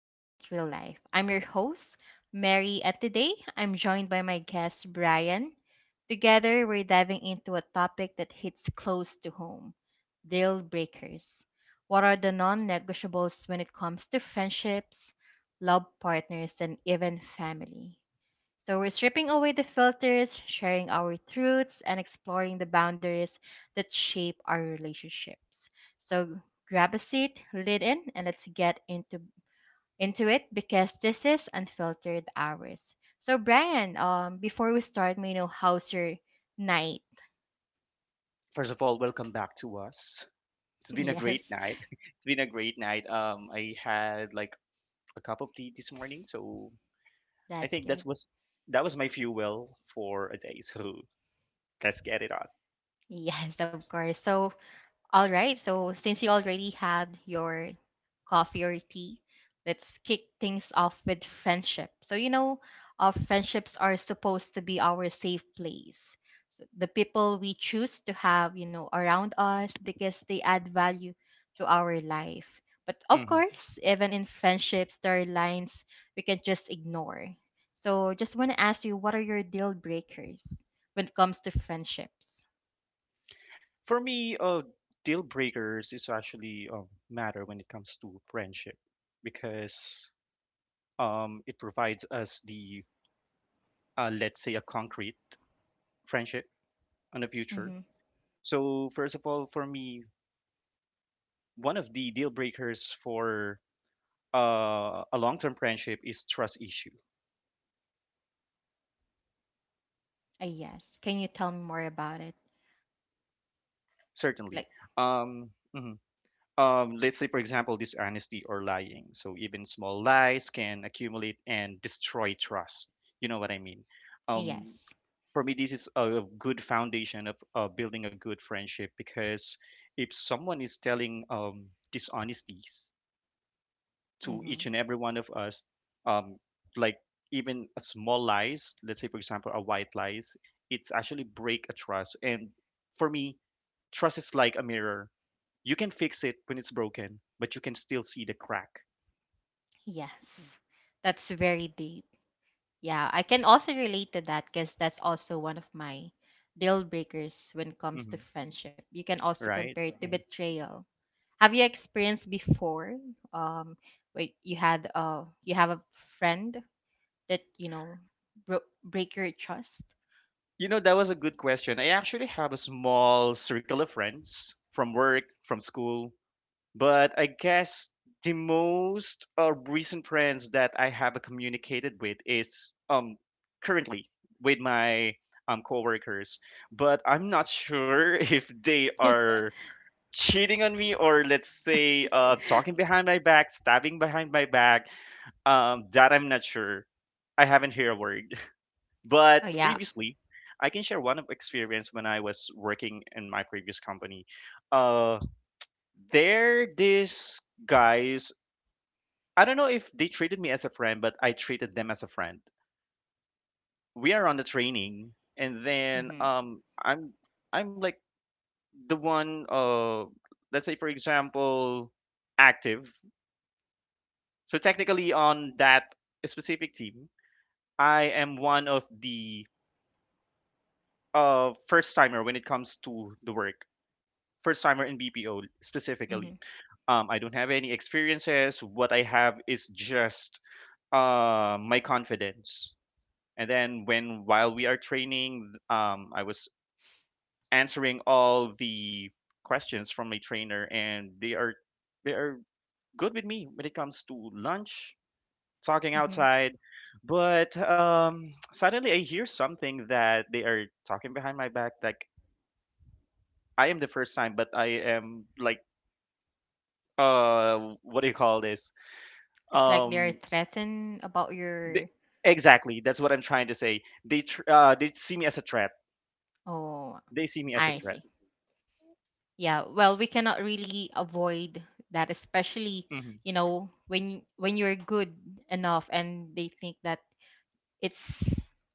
meet real life. I'm your host, Mary, and today I'm joined by my guest, Brian. Together, we're diving into a topic that hits close to home, deal breakers. What are the non negotiables when it comes to friendships, love partners, and even family? So we're stripping away the filters, sharing our truths, and exploring the boundaries that shape our relationships. So grab a seat, lean in, and let's get into it, because this is Unfiltered Hours. So Brian, before we start, may I know how's your night? First of all, welcome back to us. It's been a great Yes, night. It's been a great night. I had like a cup of tea this morning, so I that's think that good. was that was my fuel for a day. So let's get it on. Yes, of course. So all right. So since you already had your coffee or tea, let's kick things off with friendship. So you know, our friendships are supposed to be our safe place. So the people we choose to have around us, because they add value to our life. But of hmm course, even in friendships, there are lines we can just ignore. So just want to ask you, what are your deal breakers when it comes to friendships? For me, deal breakers is actually a matter when it comes to friendship because it provides us the let's say a concrete friendship on the future. Mm-hmm. So first of all, for me, one of the deal breakers for a long-term friendship is trust issue. Yes. Can you tell me more about it? Like, Certainly. um, mhm. Let's say for example dishonesty or lying, so even small lies can accumulate and destroy trust, you know what I mean. um, yes. for me this is a good foundation of building a good friendship because if someone is telling dishonesties to Mm-hmm. each and every one of us, um, like even a small lies, let's say for example a white lies, it's actually break a trust. And for me trust is like a mirror. You can fix it when it's broken but you can still see the crack. Yes. That's very deep. Yeah, I can also relate to that, because that's also one of my deal breakers when it comes hmm to friendship. You can also right. compare it to, right, betrayal. Have you experienced before? Um, wait, you have a friend that you know break your trust. You know, that was a good question. I actually have a small circle of friends from work, from school. But I guess the most recent friends that I have communicated with is currently with my coworkers, but I'm not sure if they Oh are cheating on me or let's say talking behind my back, stabbing behind my back. That I'm not sure. I haven't heard a word. But yeah. previously, I can share one of experience when I was working in my previous company. Uh. They're these guys. I don't know if they treated me as a friend, but I treated them as a friend. We are on the training, and then Mm-hmm. um, I'm like the one. Let's say for example, active. So technically, on that specific team, I am one of the first timer when it comes to the work. First timer in BPO specifically. Mm-hmm. I don't have any experiences. What I have is just my confidence. And then when while we are training, I was answering all the questions from my trainer, and they are good with me when it comes to lunch, talking Mm-hmm. outside. But suddenly I hear something that they are talking behind my back. Like I am the first time, but I am like what do you call this? It's like they're Um, threatened about they, your. exactly. That's what I'm trying to say. They see me as a threat, Oh, they see me as a I threat. see. Yeah. Well, we cannot really avoid that, especially hmm when you're good enough, and they think that it's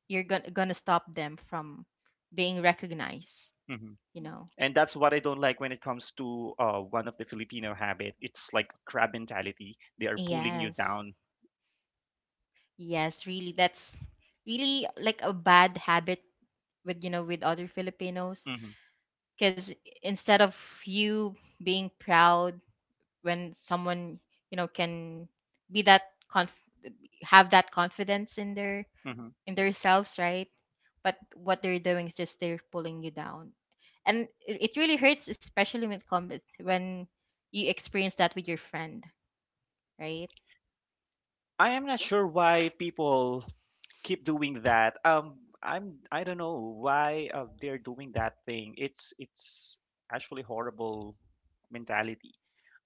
you're gonna stop them from being recognized. hmm You know. And that's what I don't like when it comes to one of the Filipino habit. It's like crab mentality. They are pulling you Yes. down. Yes. Really, that's really like a bad habit with, you know, with other Filipinos, hmm because instead of you being proud when someone, you know, can be that conf have that confidence in their hmm in themselves, right? But what they're doing is just they're pulling you down, and it really hurts, especially when it comes when you experience that with your friend, right? I am not sure why people keep doing that. I don't know why they're doing that thing. It's actually horrible mentality.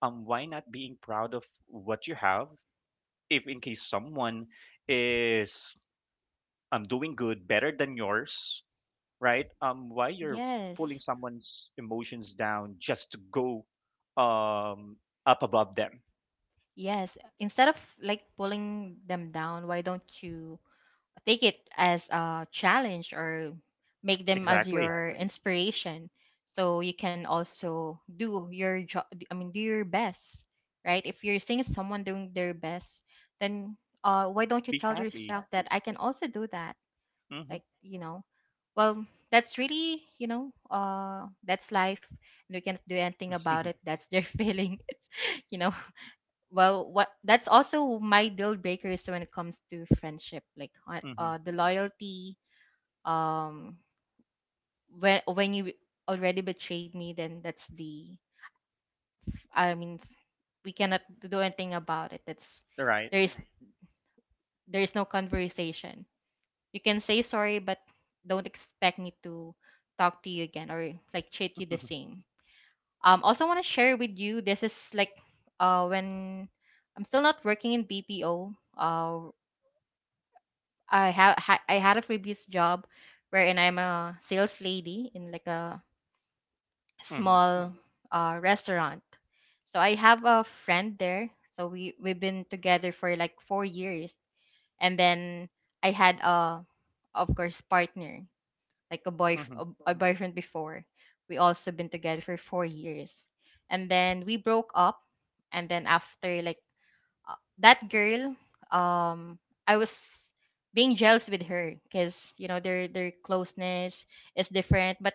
Why not being proud of what you have? If in case someone is doing good better than yours, right? Why you're pulling Yes. someone's emotions down just to go um up above them? Yes. Instead of like pulling them down, why don't you take it as a challenge or make them as Exactly. your inspiration, so you can also do your job, I mean, do your best, right? If you're seeing someone doing their best, then why don't you Be tell happy. yourself that I can also do that. Mm-hmm. Like, you know, well, that's really, that's life, and we cannot do anything about it. That's their feeling. You know. Well, what that's also my deal breakers when it comes to friendship, like Mm-hmm. The loyalty. um when you already betrayed me, then that's the I mean, we cannot do anything about it. That's, Right. there is there is no conversation. You can say sorry, but don't expect me to talk to you again, or like, treat you the same. Also want to share with you. This is like when I'm still not working in BPO, uh I had a previous job wherein I'm a sales lady in like a Mm-hmm. small restaurant. So I have a friend there. So we've been together for like 4 years, and then I had a, of course, partner, like a boy Mm-hmm. a, a boyfriend before. We also been together for 4 years, and then we broke up, and then after like, that girl, um I was being jealous with her, because you know their closeness is different. But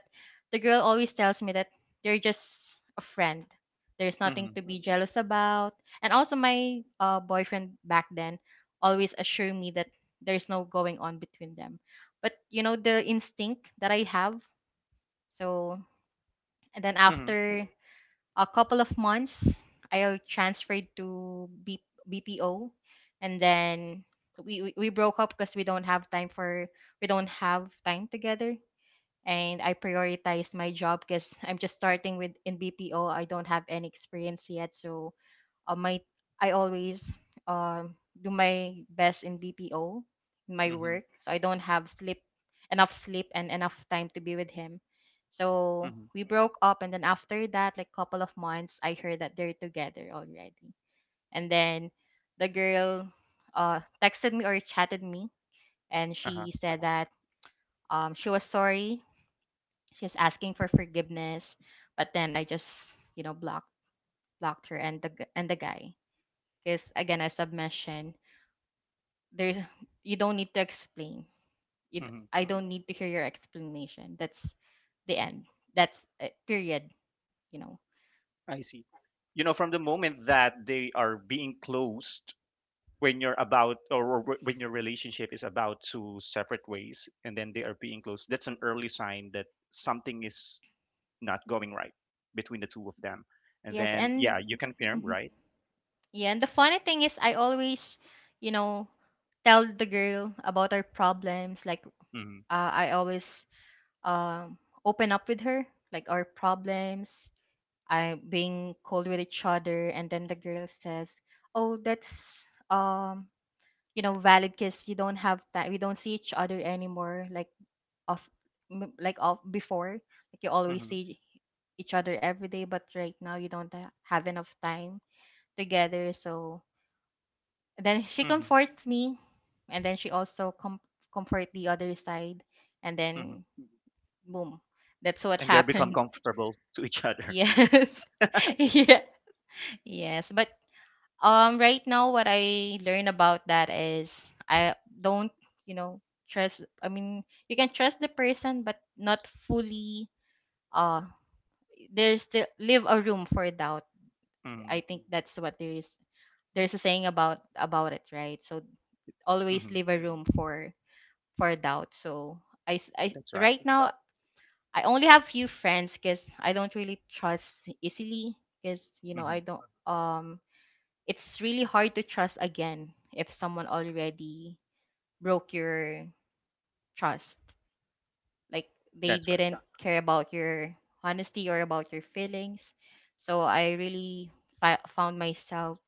the girl always tells me that they're just a friend, there's nothing Mm-hmm. to be jealous about. And also my boyfriend back then always assured me that there's no going on between them, but you know the instinct that I have. So, and then Mm-hmm. after a couple of months, I transferred to BPO, and then we broke up because we don't have time for we don't have time together. And I prioritized my job, because I'm just starting with in BPO, I don't have any experience yet, so my I always um, do my best in BPO, in my Mm-hmm. work, so I don't have sleep enough sleep and enough time to be with him. So Mm-hmm. we broke up, and then after that, like couple of months, I heard that they're together already. And then the girl texted me or chatted me, and Uh-huh. she said that, she was sorry. She's asking for forgiveness, but then I just you know blocked her and the guy, because again, as I've mentioned, there's you don't need to explain, Mm-hmm. I don't need to hear your explanation. That's the end. That's it, period. You know. I see. You know, from the moment that they are being closed, when you're about or when your relationship is about to separate ways and then they are being closed, that's an early sign that something is not going right between the two of them. And Yes. then, And yeah, you confirm, mhm. right? Yeah. And the funny thing is, I always, you know, tell the girl about our problems, like Mm I always um open up with her, like our problems, I being cold with each other, and then the girl says, oh, that's, um you know, valid, because you don't have time, we don't see each other anymore, like of like of before, like you always hmm. see each other every day, but right now you don't ha- have enough time together. So, and then she hmm. comforts me, and then she also comfort the other side, and hmm. then boom, that's what And they become happened. comfortable to each other. Yes. Yeah, yes, but right now, what I learn about that is, I don't, you know, trust. I mean, you can trust the person, but not fully. Uh, there's still leave a room for doubt. hmm. I think that's what there is. There's a saying about it, right? So always hmm. leave a room for doubt. So I That's right. right now, I only have few friends, because I don't really trust easily, because you know I hmm. don't it's really hard to trust again if someone already broke your trust. Like, they That's right. didn't care about your honesty or about your feelings. So I really found myself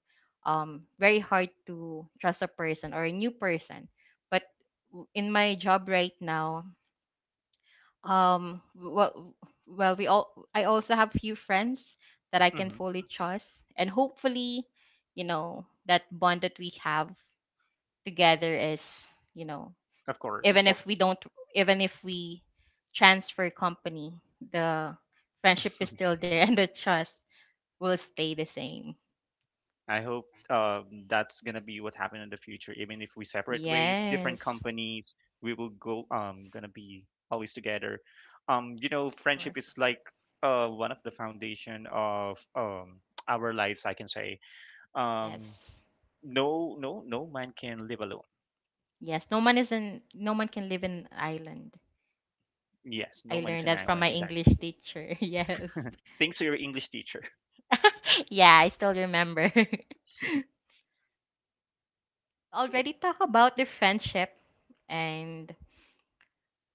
very hard to trust a person or a new person. But in my job right now, um, well, well, we all I also have few friends that I can hmm. fully trust, and hopefully, you know, that bond that we have together is, you know, Of even course. if we don't, even if we transfer company, the friendship is still there and the trust will stay the same. I hope that's gonna be what happen in the future. Even if we separate ways, different Yes, companies, we will go gonna be always together. You know, of course. friendship is like one of the foundation of our lives, I can say. Um, Yes. No, no, no man can live alone. No man can live in an island. Yes, no I man is learned an that from island. my Exactly. English teacher. Yes. Thanks to your English teacher. Yeah, I still remember. Already talk about the friendship, and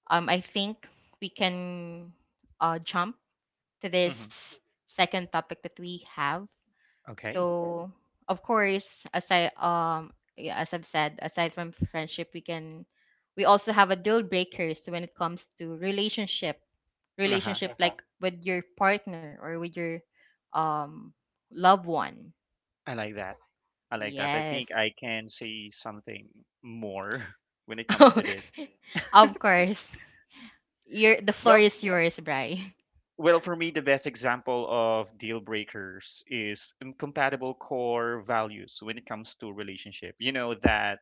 I think we can jump to this hmm second topic that we have. Okay. Okay. So, of course, as I've said, aside from friendship, we also have a deal breakers when it comes to relationship, Uh huh. Uh-huh, like with your partner or with your um loved one. I like that. I like that. I think Yes. I can say something more when it comes to this. Of course. Your the floor Well, is yours, Bri. well, for me, the best example of deal breakers is incompatible core values when it comes to relationship. You know that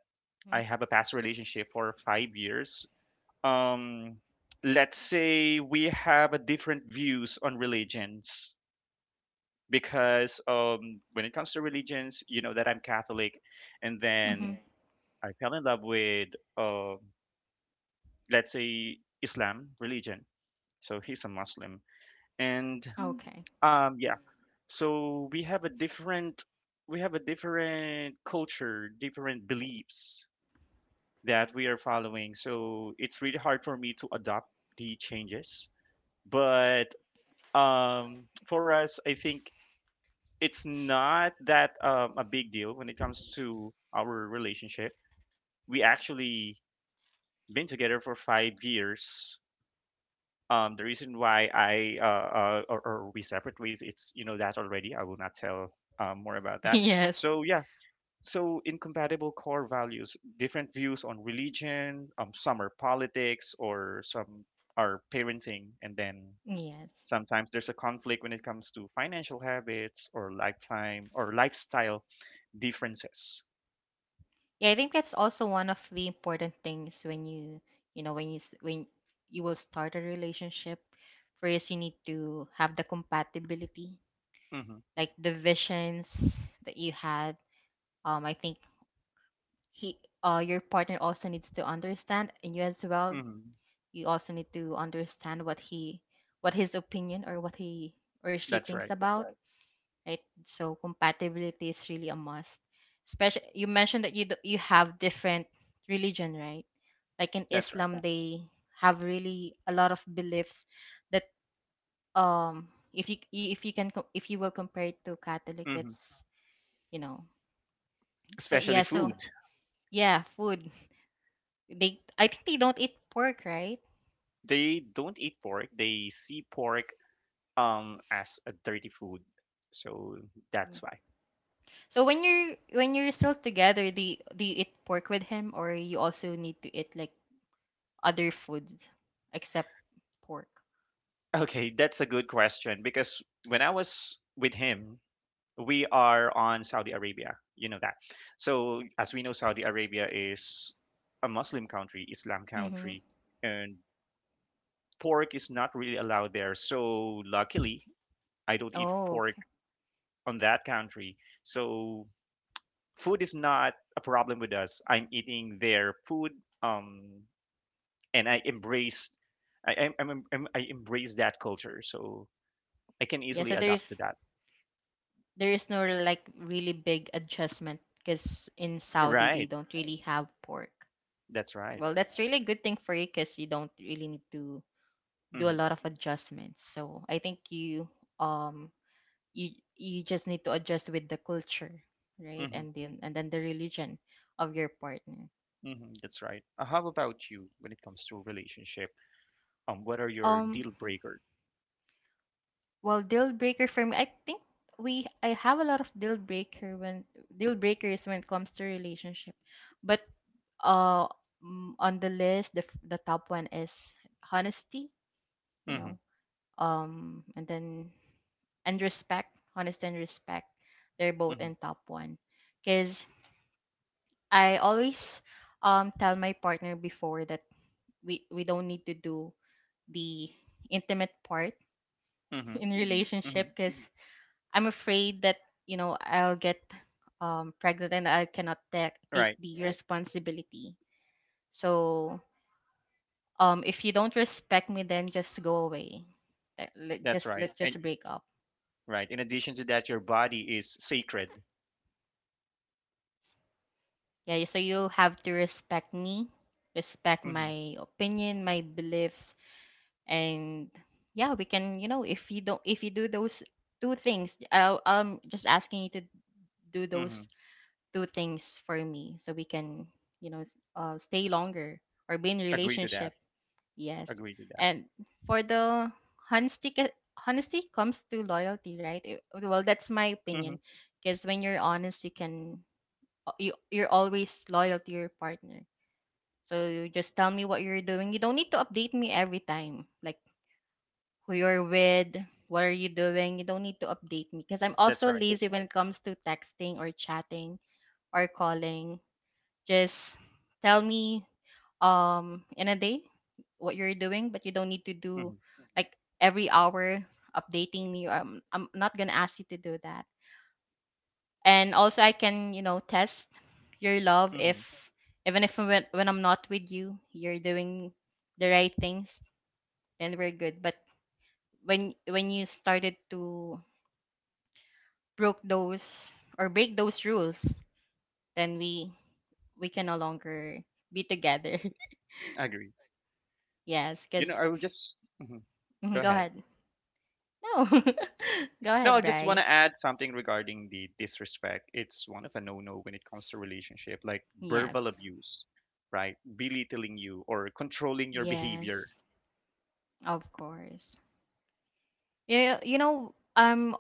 I have a past relationship for 5 years. Um, let's say we have a different views on religions because when it comes to religions, you know that I'm Catholic, and Mhm. then Okay. I fell in love with, uh, let's say, Islam religion. So he's a Muslim, and Okay. Yeah, so we have a different culture, different beliefs that we are following. So it's really hard for me to adopt the changes, but for us, I think it's not that a big deal when it comes to our relationship. We actually been together for 5 years. The reason why I or we separate ways, it's you know that already. I will not tell more about that. Yes. So yeah, so incompatible core values, different views on religion. Some are politics, or some are parenting, and then Yes. sometimes there's a conflict when it comes to financial habits or lifetime or lifestyle differences. Yeah, I think that's also one of the important things when you know, when you will start a relationship. First, you need to have the compatibility, hmm like the visions that you had. I think your partner also needs to understand, and you as well. hmm You also need to understand what his opinion or what he or she That's thinks right. about. Right? So compatibility is really a must. Especially you mentioned that you have different religion, right? Like in That's right. Islam, they have really a lot of beliefs that, um if you will compare it to Catholic, hmm that's, you know. So Especially yeah, so food. yeah, food, they I think they don't eat pork, right? They don't eat pork. They see pork as a dirty food. So Mm. that's why. So when you're still together, do you eat pork with him, or you also need to eat like other foods except pork? Okay, that's a good question because when I was with him, we are on Saudi Arabia. You know that. So as we know, Saudi Arabia is a Muslim country, Islam Mm-hmm. country, and pork is not really allowed there. So luckily, I don't eat Oh, pork okay. on that country. So food is not a problem with us. I'm eating their food, um, and I embrace that culture. So I can Yeah, easily so there adapt is to that. there is no like really big adjustment, because in Saudi they Right. don't really have pork. That's right. Well, that's really a good thing for you, because you don't really need to do a hmm lot of adjustments. So I think um you you just need to adjust with the culture, right? hmm And then the religion of your partner. That's right. How about you when it comes to relationship? What are your Um, deal breakers? well, deal breaker for me, I think we I have a lot of deal breakers when it comes to relationship. But uh on the list the top one is honesty, you hmm know and then and respect, honesty and respect, they're both hmm in top one because I always tell my partner before that we don't need to do the intimate part hmm in hmm relationship because I'm afraid that, you know, I'll get pregnant and I cannot take Right. the responsibility. So if you don't respect me, then just go away. let, let- That's just right. let And just break up. right? In addition to that, your body is sacred. Yeah, so you have to respect me, respect hmm my opinion, my beliefs. And yeah, we can, you know, if you do those two things. I'm just asking you to do hmm those two things for me so we can, you know, stay longer or be in a Agree to that. relationship. Yes. Agree to that. And for the honesty, honesty comes through loyalty, right? Well, that's my hmm opinion. Because when you're honest, you can, you're always loyal to your partner. So you just tell me what you're doing. You don't need to update me every time, like who you're with, what are you doing. You don't need to update me because I'm That's also right. lazy when it comes to texting or chatting or calling. Just tell me in a day what you're doing, but you don't need to do hmm like every hour updating me. I'm not gonna ask you to do that. And also I can, you know, test your love hmm if even if when, when I'm not with you, you're doing the right things, then we're good. But when you started to broke those or break those rules, then we can no longer be together. Agree. Yes, You know, because… I would just mhm. Mhm. Go Go ahead. ahead. No. Go No, I ahead, just want Bri. to add something regarding the disrespect. It's one of a no-no when it comes to relationship, like verbal Yes. abuse, right? Belittling you or controlling your behavior. Yes. Of course. You know, um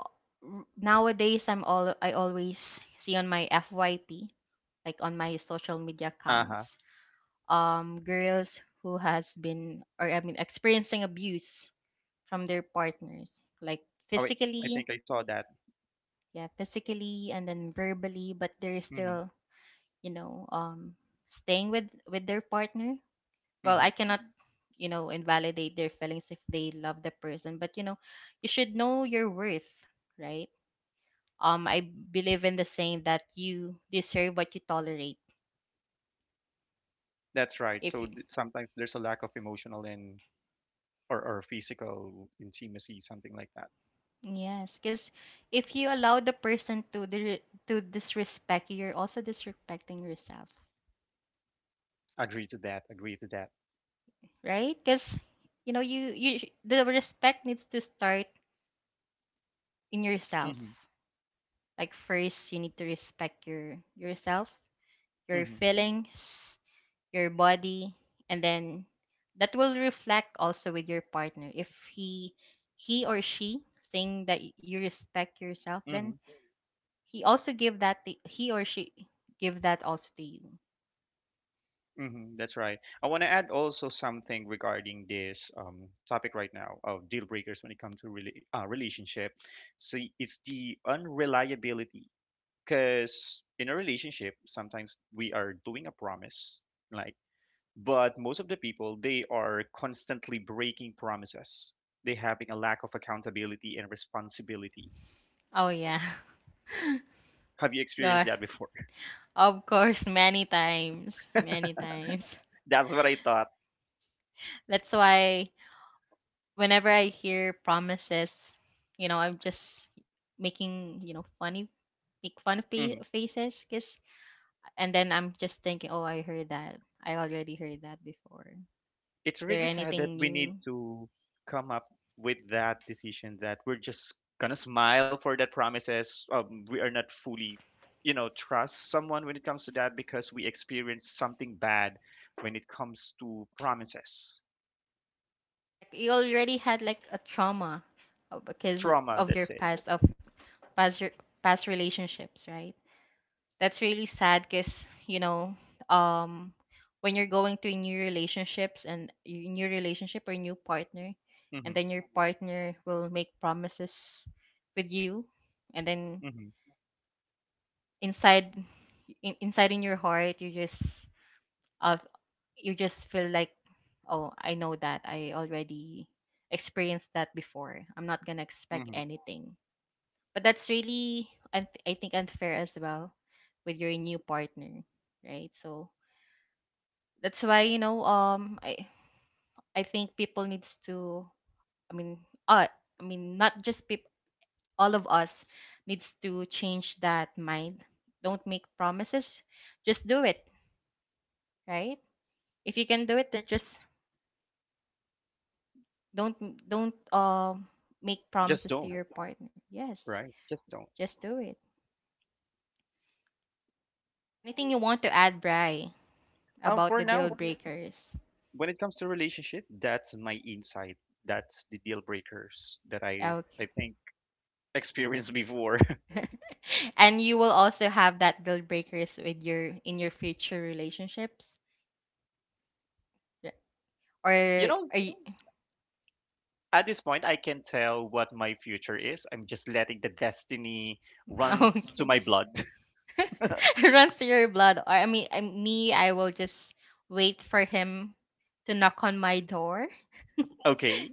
r- nowadays I always see on my FYP, like on my social media Uh huh. accounts, girls who has been, or I mean experiencing abuse from their partners, like Oh wait, I physically, think I saw that. yeah, physically and then verbally, but they're hmm still, you know, staying with their partner. Well, I hmm cannot, you know, invalidate their feelings if they love the person, but you know, you should know your worth, right? I believe in the saying that you deserve what you tolerate. That's right. If you, Sometimes there's a lack of emotional and or physical intimacy, something like that. Yes, because if you allow the person to to disrespect you, you're also disrespecting yourself, Agree to that. Agree to that. right? Because you know, the respect needs to start in yourself. Mhm. Like first you need to respect your yourself, your Mhm. feelings, your body, and then that will reflect also with your partner. If he, he or she saying that you respect yourself, Mhm. then he also give that to, he or she give that also to you. Mhm. That's right. I want to add also something regarding this topic right now of deal breakers when it comes to really relationship. See, it's the unreliability because in a relationship sometimes we are doing a promise, like, but most of the people they are constantly breaking promises. They having a lack of accountability and responsibility. Oh yeah. Have you experienced God, that before? of course, many times, many times. That's what I thought. That's why whenever I hear promises, you know, I'm just making, you know, funny, make fun of Mm-hmm. Faces because… And then I'm just thinking, oh, I heard that. I already heard that before. It's Is there really sad that anything we need new? to come up with that decision that we're just gonna smile for that promises, we are not fully you know trust someone when it comes to that because we experience something bad when it comes to promises, Like, you already had like a trauma because trauma, of your that's it. past of past relationships, right? That's really sad because, you know, um, when you're going to new relationship or new partner, and hmm then your partner will make promises with you, and then hmm inside inside in your heart, uh, you just feel like, oh, I know that. I already experienced that before. I'm not gonna expect hmm anything. But that's really, I think, unfair as well with your new partner, right? So that's why, you know, I think people needs to, I mean, uh, I mean, not just people, all of us needs to change that mind. Don't make promises, just do it, right? If you can do it, then just… Don't don't make just promises to don't, your partner. Yes, right, just don't. just do it. Anything you want to add, Bri, about For the deal now, breakers? when it comes to relationship, that's my insight, that's the deal breakers that I Okay. think experienced before. And you will also have that deal breakers with your in your future relationships. Yeah. Or You know, are you… at this point I can tell what my future is. I'm just letting the destiny runs to Okay? my blood. It runs to your blood. Or, I mean, I, me, I will just wait for him to knock on my door. Okay.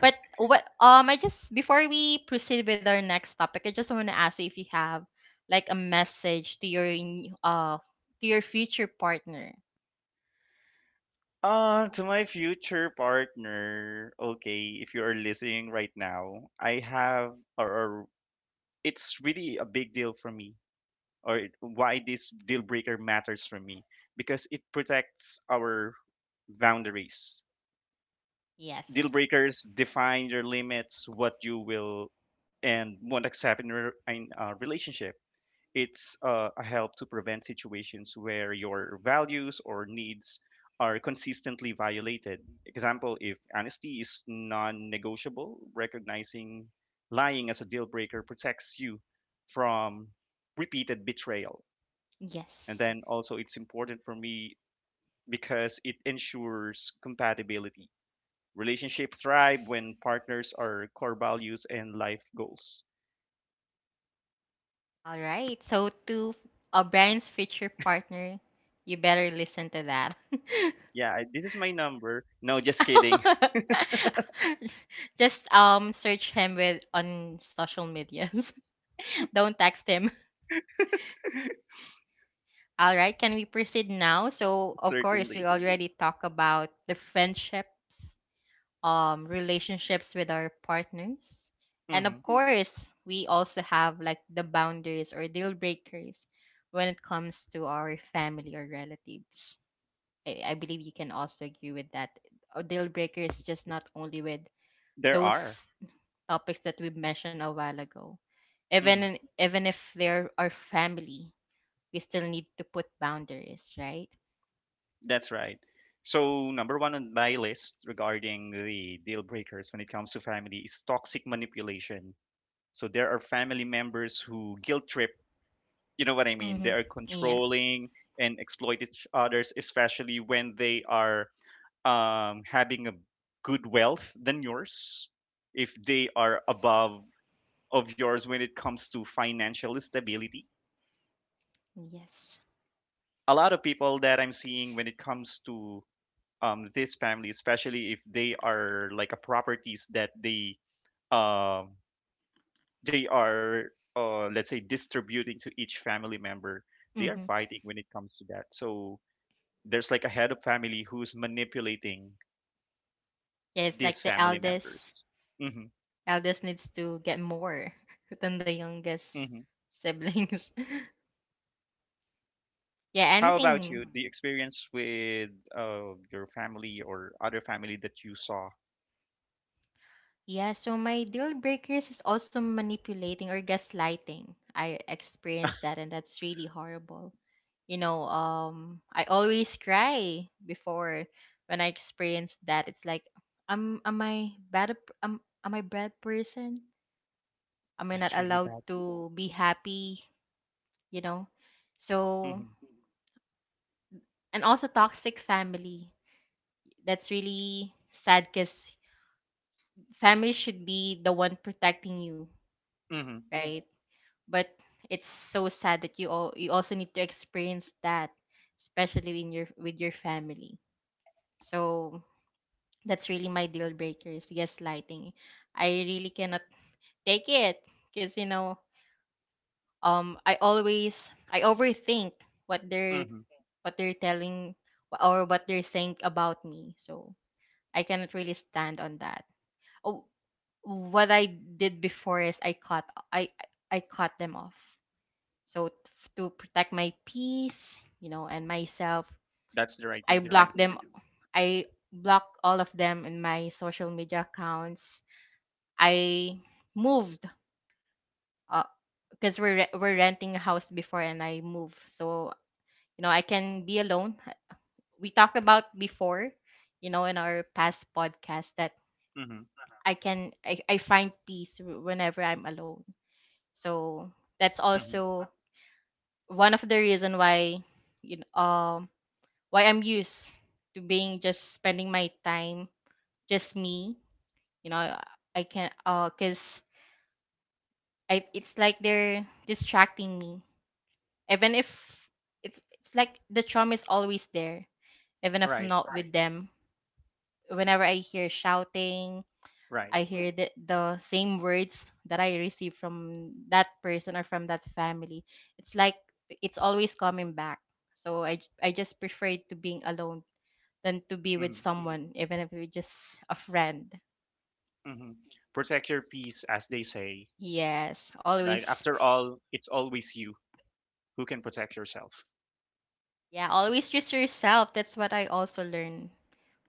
But what I just before we proceed with our next topic, I just want to ask you if you have like a message to your to your future partner. Uh, to my future partner. Okay, if you are listening right now, I have or it's really a big deal for me, why this deal breaker matters for me, because it protects our boundaries. Deal Yes. breakers define your limits, what you will and won't accept in a relationship. It's a help to prevent situations where your values or needs are consistently violated. Example, if honesty is non negotiable, recognizing lying as a deal breaker protects you from repeated betrayal. And Yes. then also, it's important for me because it ensures compatibility. Relationship thrive when partners are core values and life goals. All right. So to Brian's future partner, you better listen to that. Yeah, I- this is my number. No, just kidding. Just search him with on social medias. Don't text him. All right, can we proceed now? So, of course, we Certainly. already talk about the friendships, relationships with our partners. And Mhm. of course, we also have like the boundaries or deal breakers when it comes to our family or relatives. I believe you can also agree with that. A deal breaker is just not only with There those are. topics that we mentioned a while ago. Mhm. Even if they're our family, we still need to put boundaries, right? That's right. So, number one on my list regarding the deal breakers when it comes to family is toxic manipulation. So, there are family members who guilt trip, you know what I mean? They Mm-hmm. are Yeah. controlling and exploit each others, especially when they are having a good wealth than yours, if they are above of yours when it comes to financial stability. Yes. A lot of people that I'm seeing when it comes to this family, especially if they are like a properties that um they are let's say distributing to each family member, they are Mm-hmm. fighting when it comes to that. So there's like a head of family who's manipulating Yeah, it's like these the family members. eldest Mm-hmm, eldest needs to get more than the youngest mm-hmm. siblings. Yeah, How about anything. you, the experience with your family or other family that you saw? Yeah, so my deal breakers is also manipulating or gaslighting. I experienced that and that's really horrible. You know, I always cry before when I experienced that. It's like am I bad person? Am I not That's really allowed bad. to be happy? You know, so… Mm-hmm, And also toxic family, that's really sad because family should be the one protecting you, mm-hmm, right? But it's so sad that you all you also need to experience that, especially in your with your family. So that's really my deal breaker, is gaslighting. I really cannot take it because you know, I overthink what they're, mm-hmm. what they're telling or what they're saying about me. So I cannot really stand on that. Oh, what I did before is I cut them off. So to protect my peace, you know, and myself, That's the right I thing to do. block… Correct. Them. I block all of them in my social media accounts. I moved because we're renting a house before, and I moved. So you know, I can be alone. We talked about before, you know, in our past podcast that Mm-hmm, I find peace whenever I'm alone. So that's mm-hmm. also one of the reason why, you know, why I'm used to being just spending my time just me. You know, I can cause I it's like they're distracting me, even if it's like the trauma is always there, even if I'm Right, not with them. Whenever I hear shouting, right. I hear the same words that I receive from that person or from that family. It's like it's always coming back. So I just prefer to being alone than to be with Mm-hmm. someone, even if it's just a friend. Hmm. Protect your peace, as they say. Yes, Like, always. after all, it's always you who can protect yourself. Yeah, always just yourself. That's what I also learned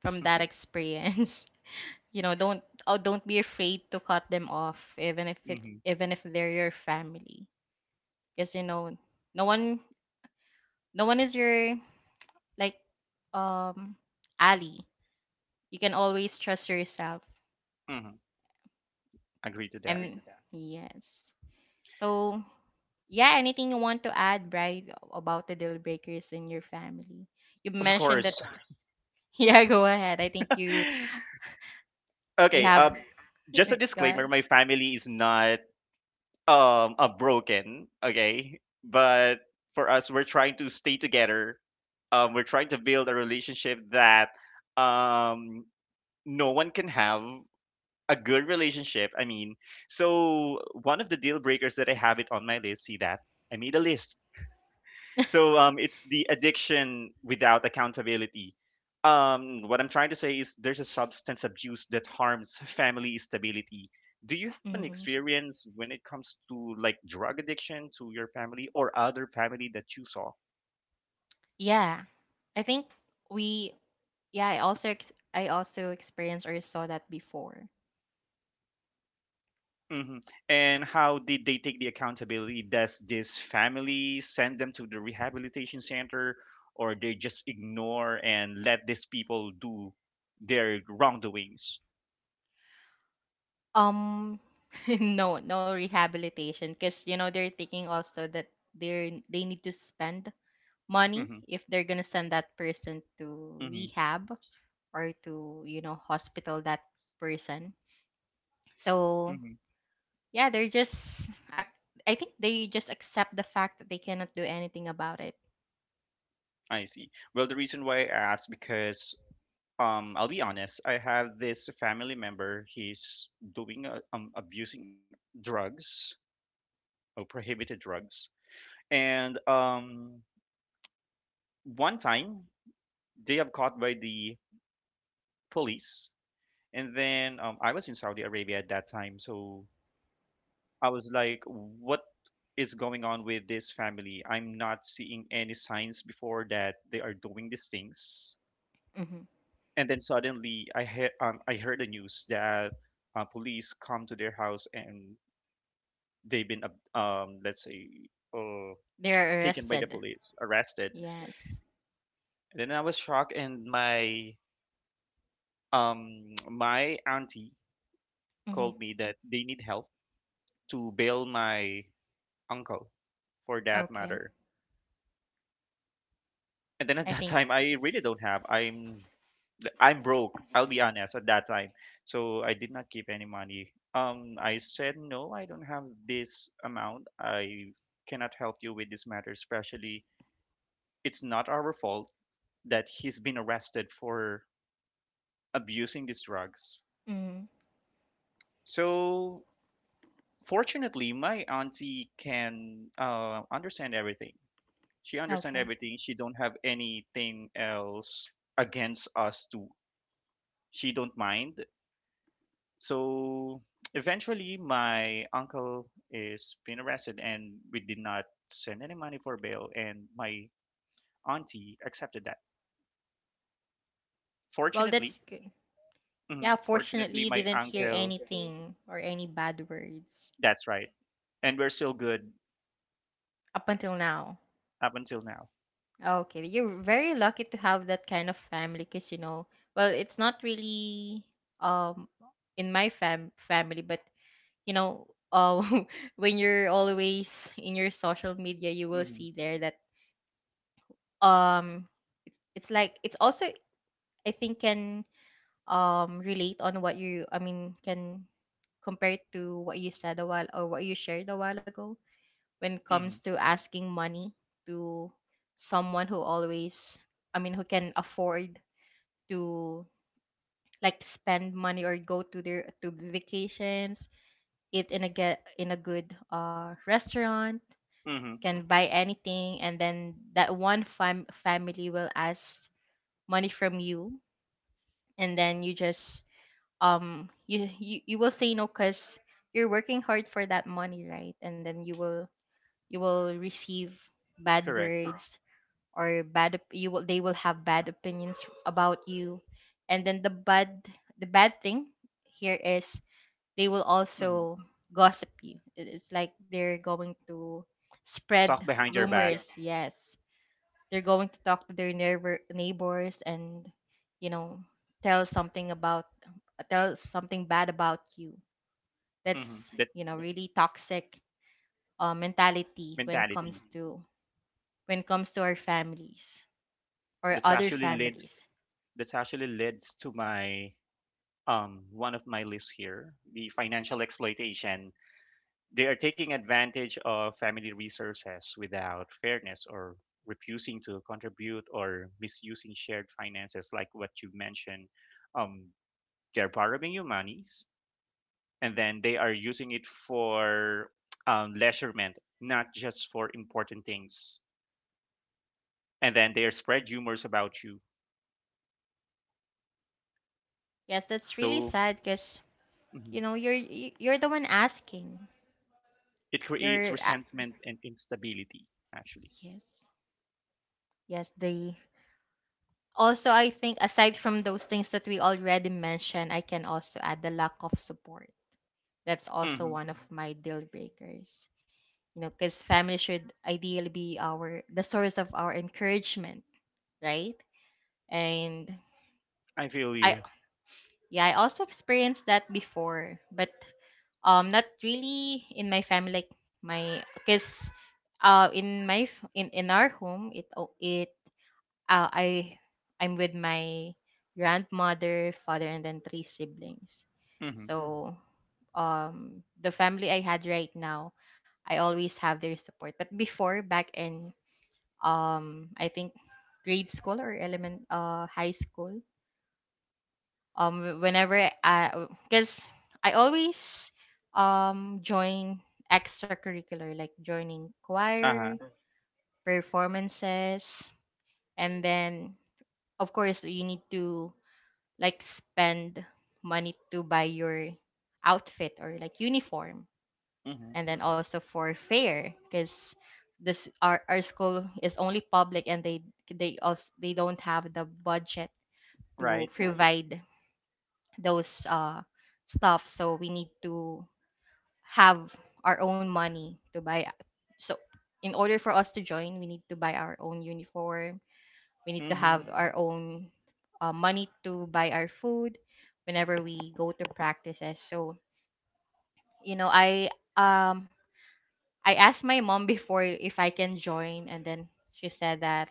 from that experience. You know, don't be afraid to cut them off, even if it Hmm. even if they're your family, because you know, no one no one is your, like, um Ali. You can always trust yourself. Hmm. Agree to that. And yes. So yeah, anything you want to add, Bride, about the deal breakers in your family? You Of mentioned course. that. Yeah, go ahead. I think you you Okay. have… Go Just a So ahead. disclaimer: my family is not a broken. Okay, but for us, we're trying to stay together. We're trying to build a relationship that um no one can have. A good relationship, I mean. So one of the deal breakers that I have it on my list, see that? I made a list. So it's the addiction without accountability. What I'm trying to say is there's a substance abuse that harms family stability. Do you have an Hmm. experience when it comes to like drug addiction to your family or other family that you saw? Yeah. I think we Yeah, I also I also experienced or saw that before. Mhm. And how did they take the accountability? Does this family send them to the rehabilitation center, or they just ignore and let these people do their wrongdoings? Um, no, no rehabilitation because you know they're thinking also that they need to spend money Mm-hmm. if they're gonna send that person to Mm-hmm. rehab or to, you know, hospital that person. So Mm-hmm. yeah, they're just I think they just accept the fact that they cannot do anything about it. I see. Well, the reason why I asked because I'll be honest, I have this family member. He's doing abusing drugs or prohibited drugs, and one time they have caught by the police. And then I was in Saudi Arabia at that time, so I was like, what is going on with this family? I'm not seeing any signs before that they are doing these things. Hmm. And then suddenly, I heard the news that police come to their house and let's say They're taken by the arrested. police, arrested. Yes. And then I was shocked, and my my auntie Hmm. called me that they need help to bail my uncle for that Okay. matter. And then at I that think. time, I really don't have. I'm broke, I'll be honest, at that time. So I did not keep any money. I said no, I don't have this amount, I cannot help you with this matter. Especially, it's not our fault that he's been arrested for abusing these drugs. Hmm. So fortunately, my auntie can understand everything. She understand Okay. everything, she don't have anything else against us too, she don't mind. So eventually my uncle is been arrested and we did not send any money for bail, and my auntie accepted that, Well, fortunately. that's good. Mhm, Yeah, fortunately, fortunately you my didn't hear uncle, anything or any bad words that's right, and we're still good up until now. up until now. Okay, you're very lucky to have that kind of family because, you know, well, it's not really um in my fam family, but you know, uh, when you're always in your social media, you will Hmm. see there that um it's like it's also I think can relate on what you I mean can compare to what you said a while or what you shared a while ago when it comes Hmm. to asking money to someone who always I mean who can afford to like spend money or go to their to vacations, eat in a get in a good restaurant, Hmm. can buy anything and then that one family will ask money from you and then you just you will say no cuz you're working hard for that money, right? And then you will receive bad Correct. words, or bad op- you will they will have bad opinions about you. And then the bad thing here is, they will Hmm. also gossip you. It's like they're going to spread. Talk Oh, behind your back. rumors, yes. They're going to talk to their neighbors and you know tell something bad about you. Hmm. That's That really toxic, mentality mentality. When it comes to our families, or that's other, exactly, actually led families. that's actually leads to my one of my lists here, the financial exploitation. They are taking advantage of family resources without fairness, or refusing to contribute or misusing shared finances like what you mentioned. Um they're borrowing you monies and then they are using it for leisurement, not just for important things. And then they are spread rumors about you. Yes, that's really So, sad because mhm. You're the one asking. It You're creates a- resentment and instability, actually. yes, yes. They, also I think, aside from those things that we already mentioned, I can also add the lack of support. That's also Hmm. one of my deal breakers. You know, because family should ideally be our the source of our encouragement, right? And I feel I you. yeah, I also experienced that before, but not really in my family, like, my because in my f- in our home, it o- it I I'm with my grandmother, father, and then three siblings. Mm-hmm. So the family I had right now, I always have their support. But before, back in, I think, grade school or element high school, whenever I, because I always join extracurricular, like joining Uh-huh. choir performances, and then, of course, you need to like spend money to buy your outfit, or like, uniform. Hmm. And then also for fare, because our school is only public, and they also they don't have the budget to, Right. right, provide those stuff. So we need to have our own money to buy. So in order for us to join, we need to buy our own uniform. We need to Hmm. have our own, money to buy our food whenever we go to practices. So you know i um I asked my mom before if I can join. And then she said that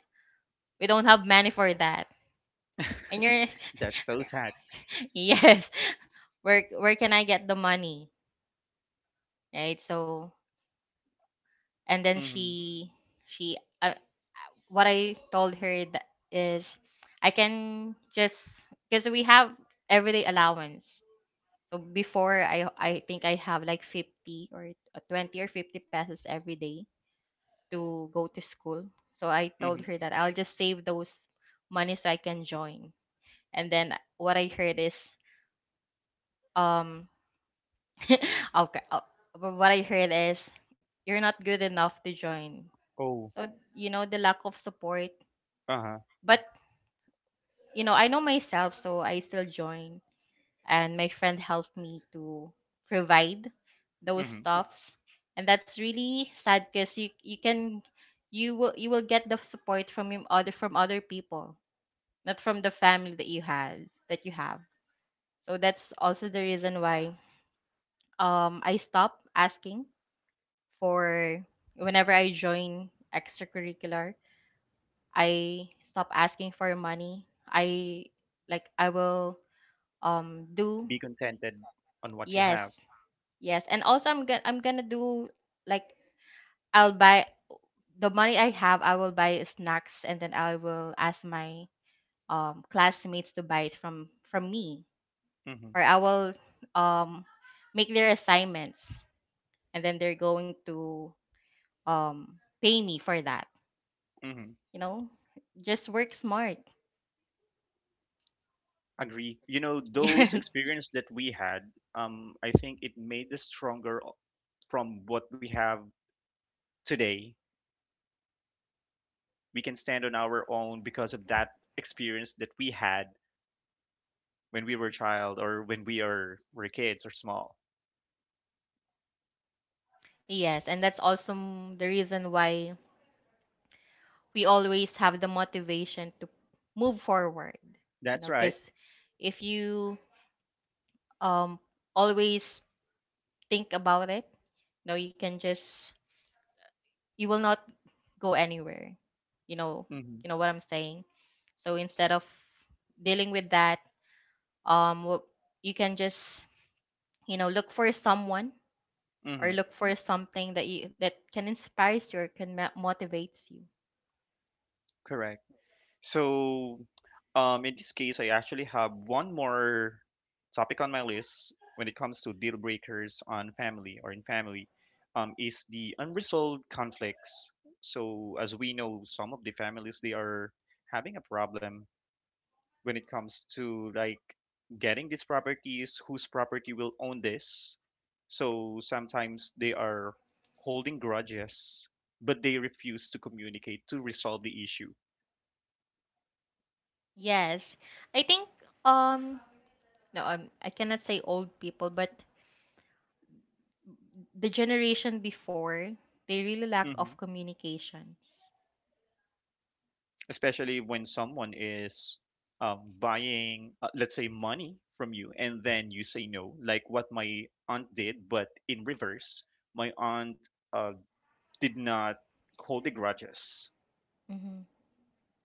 we don't have money for that, and you're That's so sad. yes, where can I get the money, right? So and then Hmm. She, what I told her that is, I can just, because we have everyday allowance, so before I think I have like 50 or, 20 or 50 pesos every day to go to school. So I Hmm. told her that I'll just save those money so I can join. And then what I heard is um okay uh, but what I heard is, you're not good enough to join. Oh. So, the lack of support. Uh-huh. But, you know, I know myself, so I still join. And my friend helped me to provide those Hmm. stuffs. And that's really sad because you will get the support from your other people, not from the family that you have. So that's also the reason why I stopped asking for, whenever I join extracurricular, I stop asking for money. I Like I will do. Be contented on what you Yes. have. Yes. And also I'm gonna do, like, I'll buy the money I have, I will buy snacks and then I will ask my classmates to buy it from me. Hmm. Or I will um make their assignments, and then they're going to pay me for that. Hmm. You know? Just work smart. Agree. You know, those Yes. experience that we had, I think it made us stronger from what we have today. We can stand on our own because of that experience that we had when we were child or when we are were kids or small. Yes. And that's also the reason why we always have the motivation to move forward, you That's know, right. because if you um always think about it, you know, you can just, you will not go anywhere, you know, you Hmm. know what I'm saying? So instead of dealing with that, um wh- you can just, look for someone, or Hmm. look for something that you that can inspires you, or can motivates you. Correct. So, in this case, I actually have one more topic on my list when it comes to deal breakers on family or in family, is the unresolved conflicts. So, as we know, some of the families they are having a problem when it comes to like getting these properties, whose property will own this. So sometimes they are holding grudges, but they refuse to communicate to resolve the issue. Yes, I think, um no, I cannot say old people, but the generation before, they really lack Hmm. of communications. Especially when someone is buying, let's say, money from you, and then you say no, like what my aunt did, but in reverse. My aunt did not hold the grudges. Hmm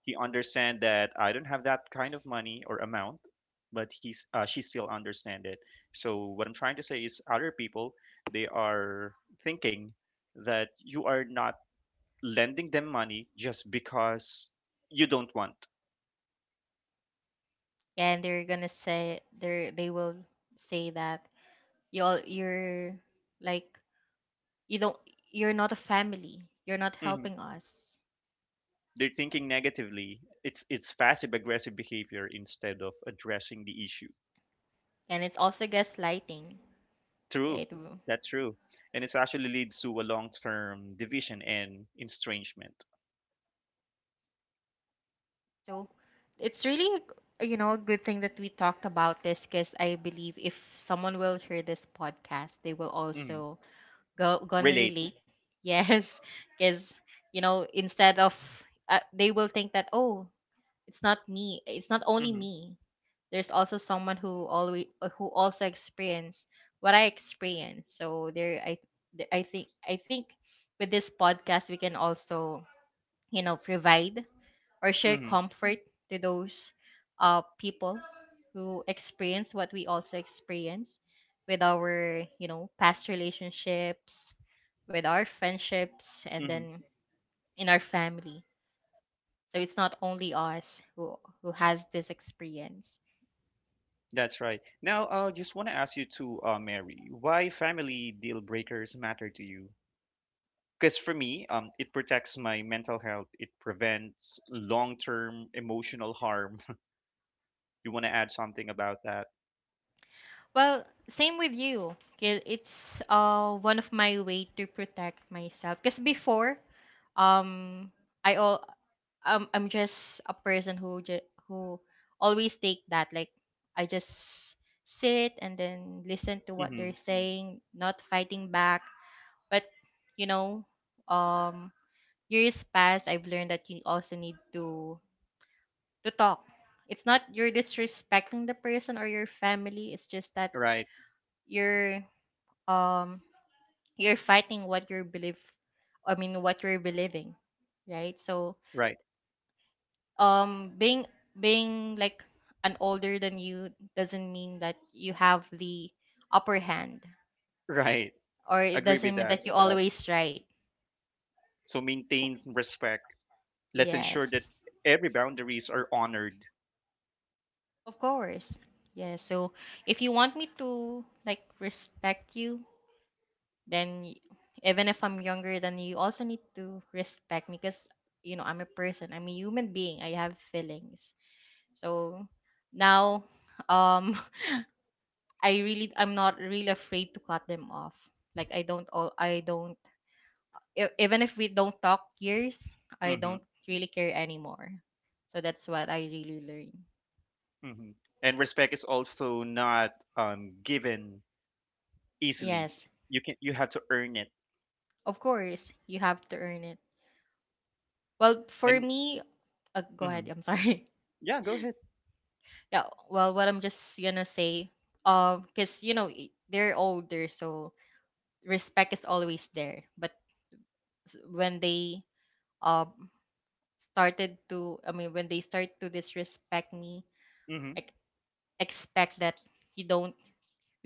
He understand that I don't have that kind of money or amount, but he's she still understand it. So what I'm trying to say is, other people they are thinking that you are not lending them money just because you don't want. And they will say that you're like, you don't you're not a family. You're not Hmm. helping us, They're thinking negatively. It's passive aggressive behavior instead of addressing the issue. and it's also gaslighting, True, right? Mm. that's true, and it actually leads to a long term division and estrangement. So it's really, a good thing that we talked about this, because I believe if someone will hear this podcast, they will Mhm. also go gonna Relate. relate. Yes. Because, instead of they will think that, oh, it's not only Mm-hmm. me. There's also someone who always who also experience what I experience. So there I th- I think with this podcast we can also, provide or share Hmm. comfort to those, people who experience what we also experience with our, past relationships, with our friendships, and Hmm. then in our family. So it's not only us who has this experience. That's right. Now, I just want to ask you to, Mary, why family deal breakers matter to you? Because for me, it protects my mental health. It prevents long-term emotional harm. You want to add something about that? Well, same with you. 'Kay. It's one of my way to protect myself. Because before, um, I all I'm just a person who always take that, like, I just sit and then listen to what Mm-hmm. they're saying, not fighting back. But, you know, um, years past, I've learned that you also need to talk. It's not you're disrespecting the person or your family. It's just that Right, you're um you're fighting what you believe, I mean, what you're believing, right? So, right, um being being like an older than you doesn't mean that you have the upper hand, right. or it Agree with doesn't mean that. that you always right. So maintain respect. Let's ensure that Yes, every boundaries are honored. of course. Yeah. So if you want me to like respect you, then even if I'm younger than you also need to respect me, because, I'm a person, I'm a human being, I have feelings. So now, um, I'm not really afraid to cut them off. Like, I don't, even if we don't talk years, I Mm-hmm. don't really care anymore. So that's what I really learned. Mm-hmm. And respect is also not given easily. Yes, You have to earn it. of course, you have to earn it. Well, for And me, go ahead. mhm. I'm sorry. Yeah, go ahead. Yeah. Well, what I'm just gonna say, because they're older, so respect is always there. But, when they um started to I mean, when they start to disrespect me, Hmm. ex- expect that you don't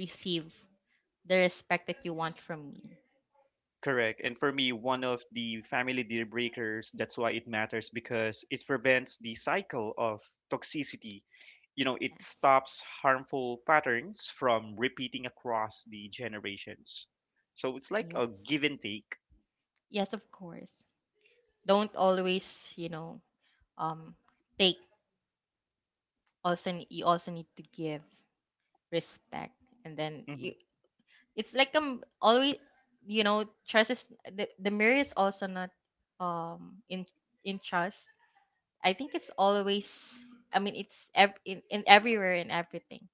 receive the respect that you want from me. Correct. And for me, one of the family deal breakers, that's why it matters, because it prevents the cycle of toxicity. You know, it Yes. stops harmful patterns from repeating across the generations. So it's like a Yes. give and take. Yes, of course. Don't always, um take, also, you also need to give respect. And then Hmm. you it's like, always, trust is the mirror is also not, in, trust. I think it's always. I mean, it's in everywhere and everything.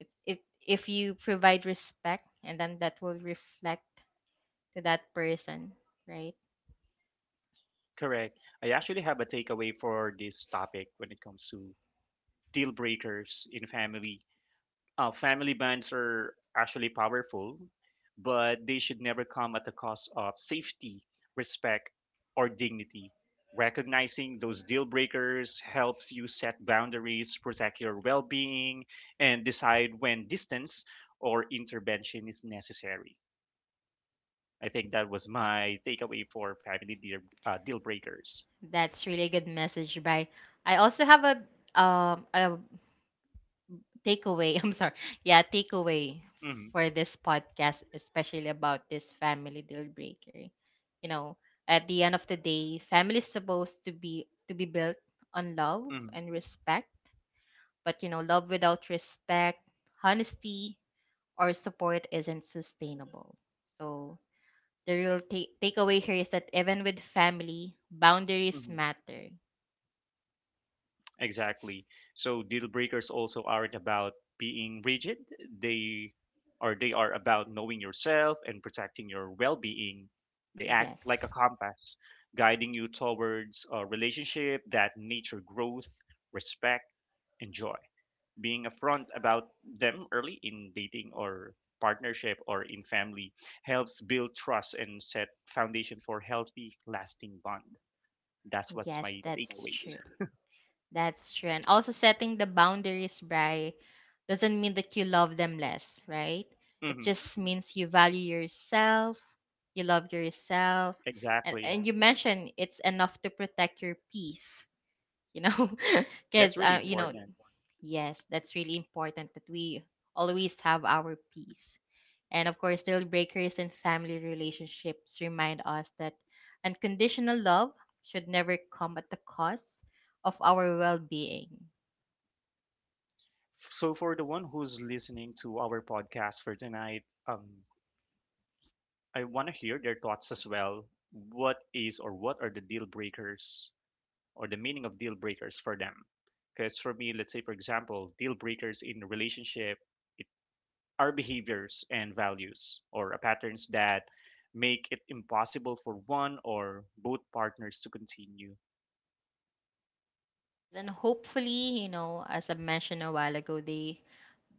It If you provide respect, and then that will reflect to that person, right? Correct. I actually have a takeaway for this topic when it comes to deal breakers in family. Family bands are actually powerful, but they should never come at the cost of safety, respect, or dignity. Recognizing those deal breakers helps you set boundaries, protect your well being, and decide when distance or intervention is necessary. I think that was my takeaway for family deal, deal breakers. That's really good message. By I also have a, um a takeaway. I'm sorry. Yeah, takeaway Hmm. for this podcast, especially about this family deal breaker. You know, at the end of the day, family is supposed to be built on love Hmm. and respect. But you know, love without respect, honesty, or support isn't sustainable. So the real takeaway here is that even with family, boundaries Hmm. matter. Exactly. So deal breakers also aren't about being rigid. They they are about knowing yourself and protecting your well-being. They act like a Yes, compass, guiding you towards a relationship that nature growth, respect, and joy. Being upfront about them early in dating or partnership or in family helps build trust and set foundation for healthy, lasting bond. That's what's yes, my that's takeaway. true. That's true. And also, setting the boundaries, Bry, doesn't mean that you love them less, right? It Hmm. just means you value yourself, you love yourself, and, Exactly. and you mentioned it's enough to protect your peace, you know? That's Because, really you know. important. Yes, that's really important that we always have our peace. And of course, deal breakers in family relationships remind us that unconditional love should never come at the cost of our well being. So, for the one who's listening to our podcast for tonight, I want to hear their thoughts as well. What is or what are the deal breakers or the meaning of deal breakers for them? Because for me, let's say, for example, deal breakers in a relationship, it are behaviors and values or patterns that make it impossible for one or both partners to continue. Then, hopefully, as I mentioned a while ago, they,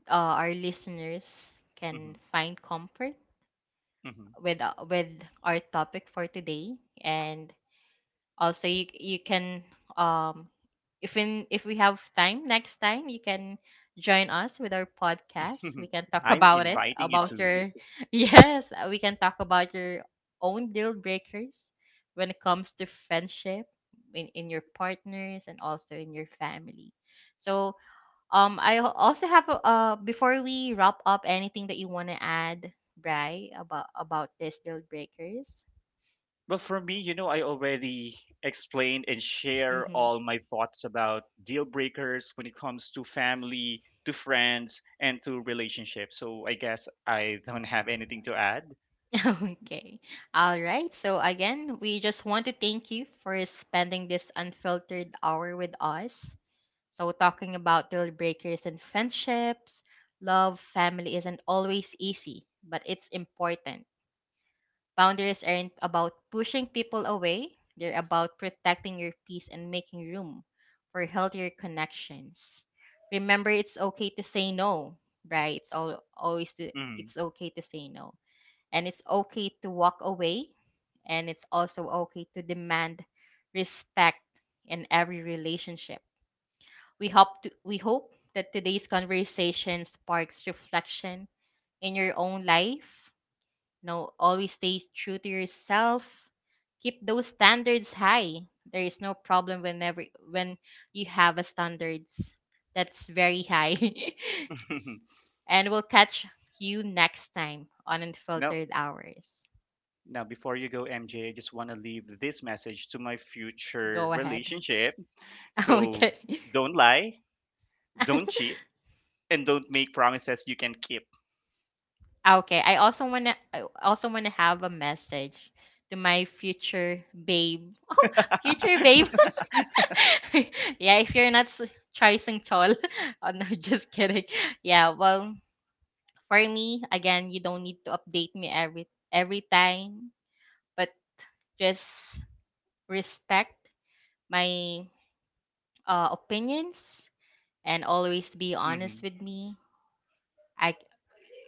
our listeners can Hmm. find comfort with our topic for today. And also you can, um if we have time next time, you can join us with our podcast. Hmm. We can talk I'm about it, right, inviting you about to. your yes, we can talk about your own deal breakers when it comes to friendship, in your partners, and also in your family. So, I also have before we wrap up, anything that you want to add, Bry, about this deal breakers? Well, for me, you know, I already explained and share Mm-hmm. all my thoughts about deal breakers when it comes to family, to friends, and to relationships. So I guess I don't have anything to add. Okay. All right. So, again, we just want to thank you for spending this unfiltered hour with us. So, talking about deal breakers and friendships, love, family isn't always easy, but it's important. Boundaries aren't about pushing people away, they're about protecting your peace and making room for healthier connections. Remember, it's okay to say no, right? Mm. It's okay to say no, and it's okay to walk away, and it's also okay to demand respect in every relationship. We hope that today's conversation sparks reflection in your own life. Always stay true to yourself, keep those standards high. There is no problem whenever, when you have a standards that's very high. And we'll catch you next time on No. Unfiltered Hours. Now, before you go, MJ, I just want to leave this message to my future Go ahead. relationship. So Okay. don't lie, don't cheat, and don't make promises you can keep. Okay. I also wanna have a message to my future babe. Oh, future babe. Yeah, if you're not choosing Chol. Oh no, just kidding. Yeah, well, for me, again, you don't need to update me every time, but just respect my, opinions, and always be honest Hmm. with me. I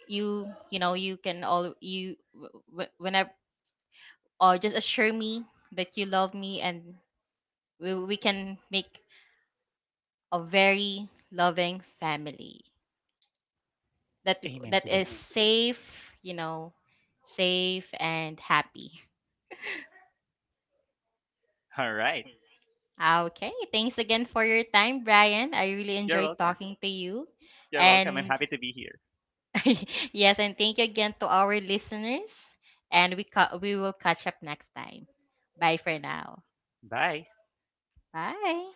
you you know you can all you whenever Or just assure me that you love me, and we can make a very loving family that Amen to that. is safe, you know, safe and happy. All right. Okay, thanks again for your time, Brian, I really You're enjoyed welcome. talking to you. You're welcome. I'm And happy to be here. yes, and thank you again to our listeners, and we will catch up next time. Bye for now. Bye. Bye.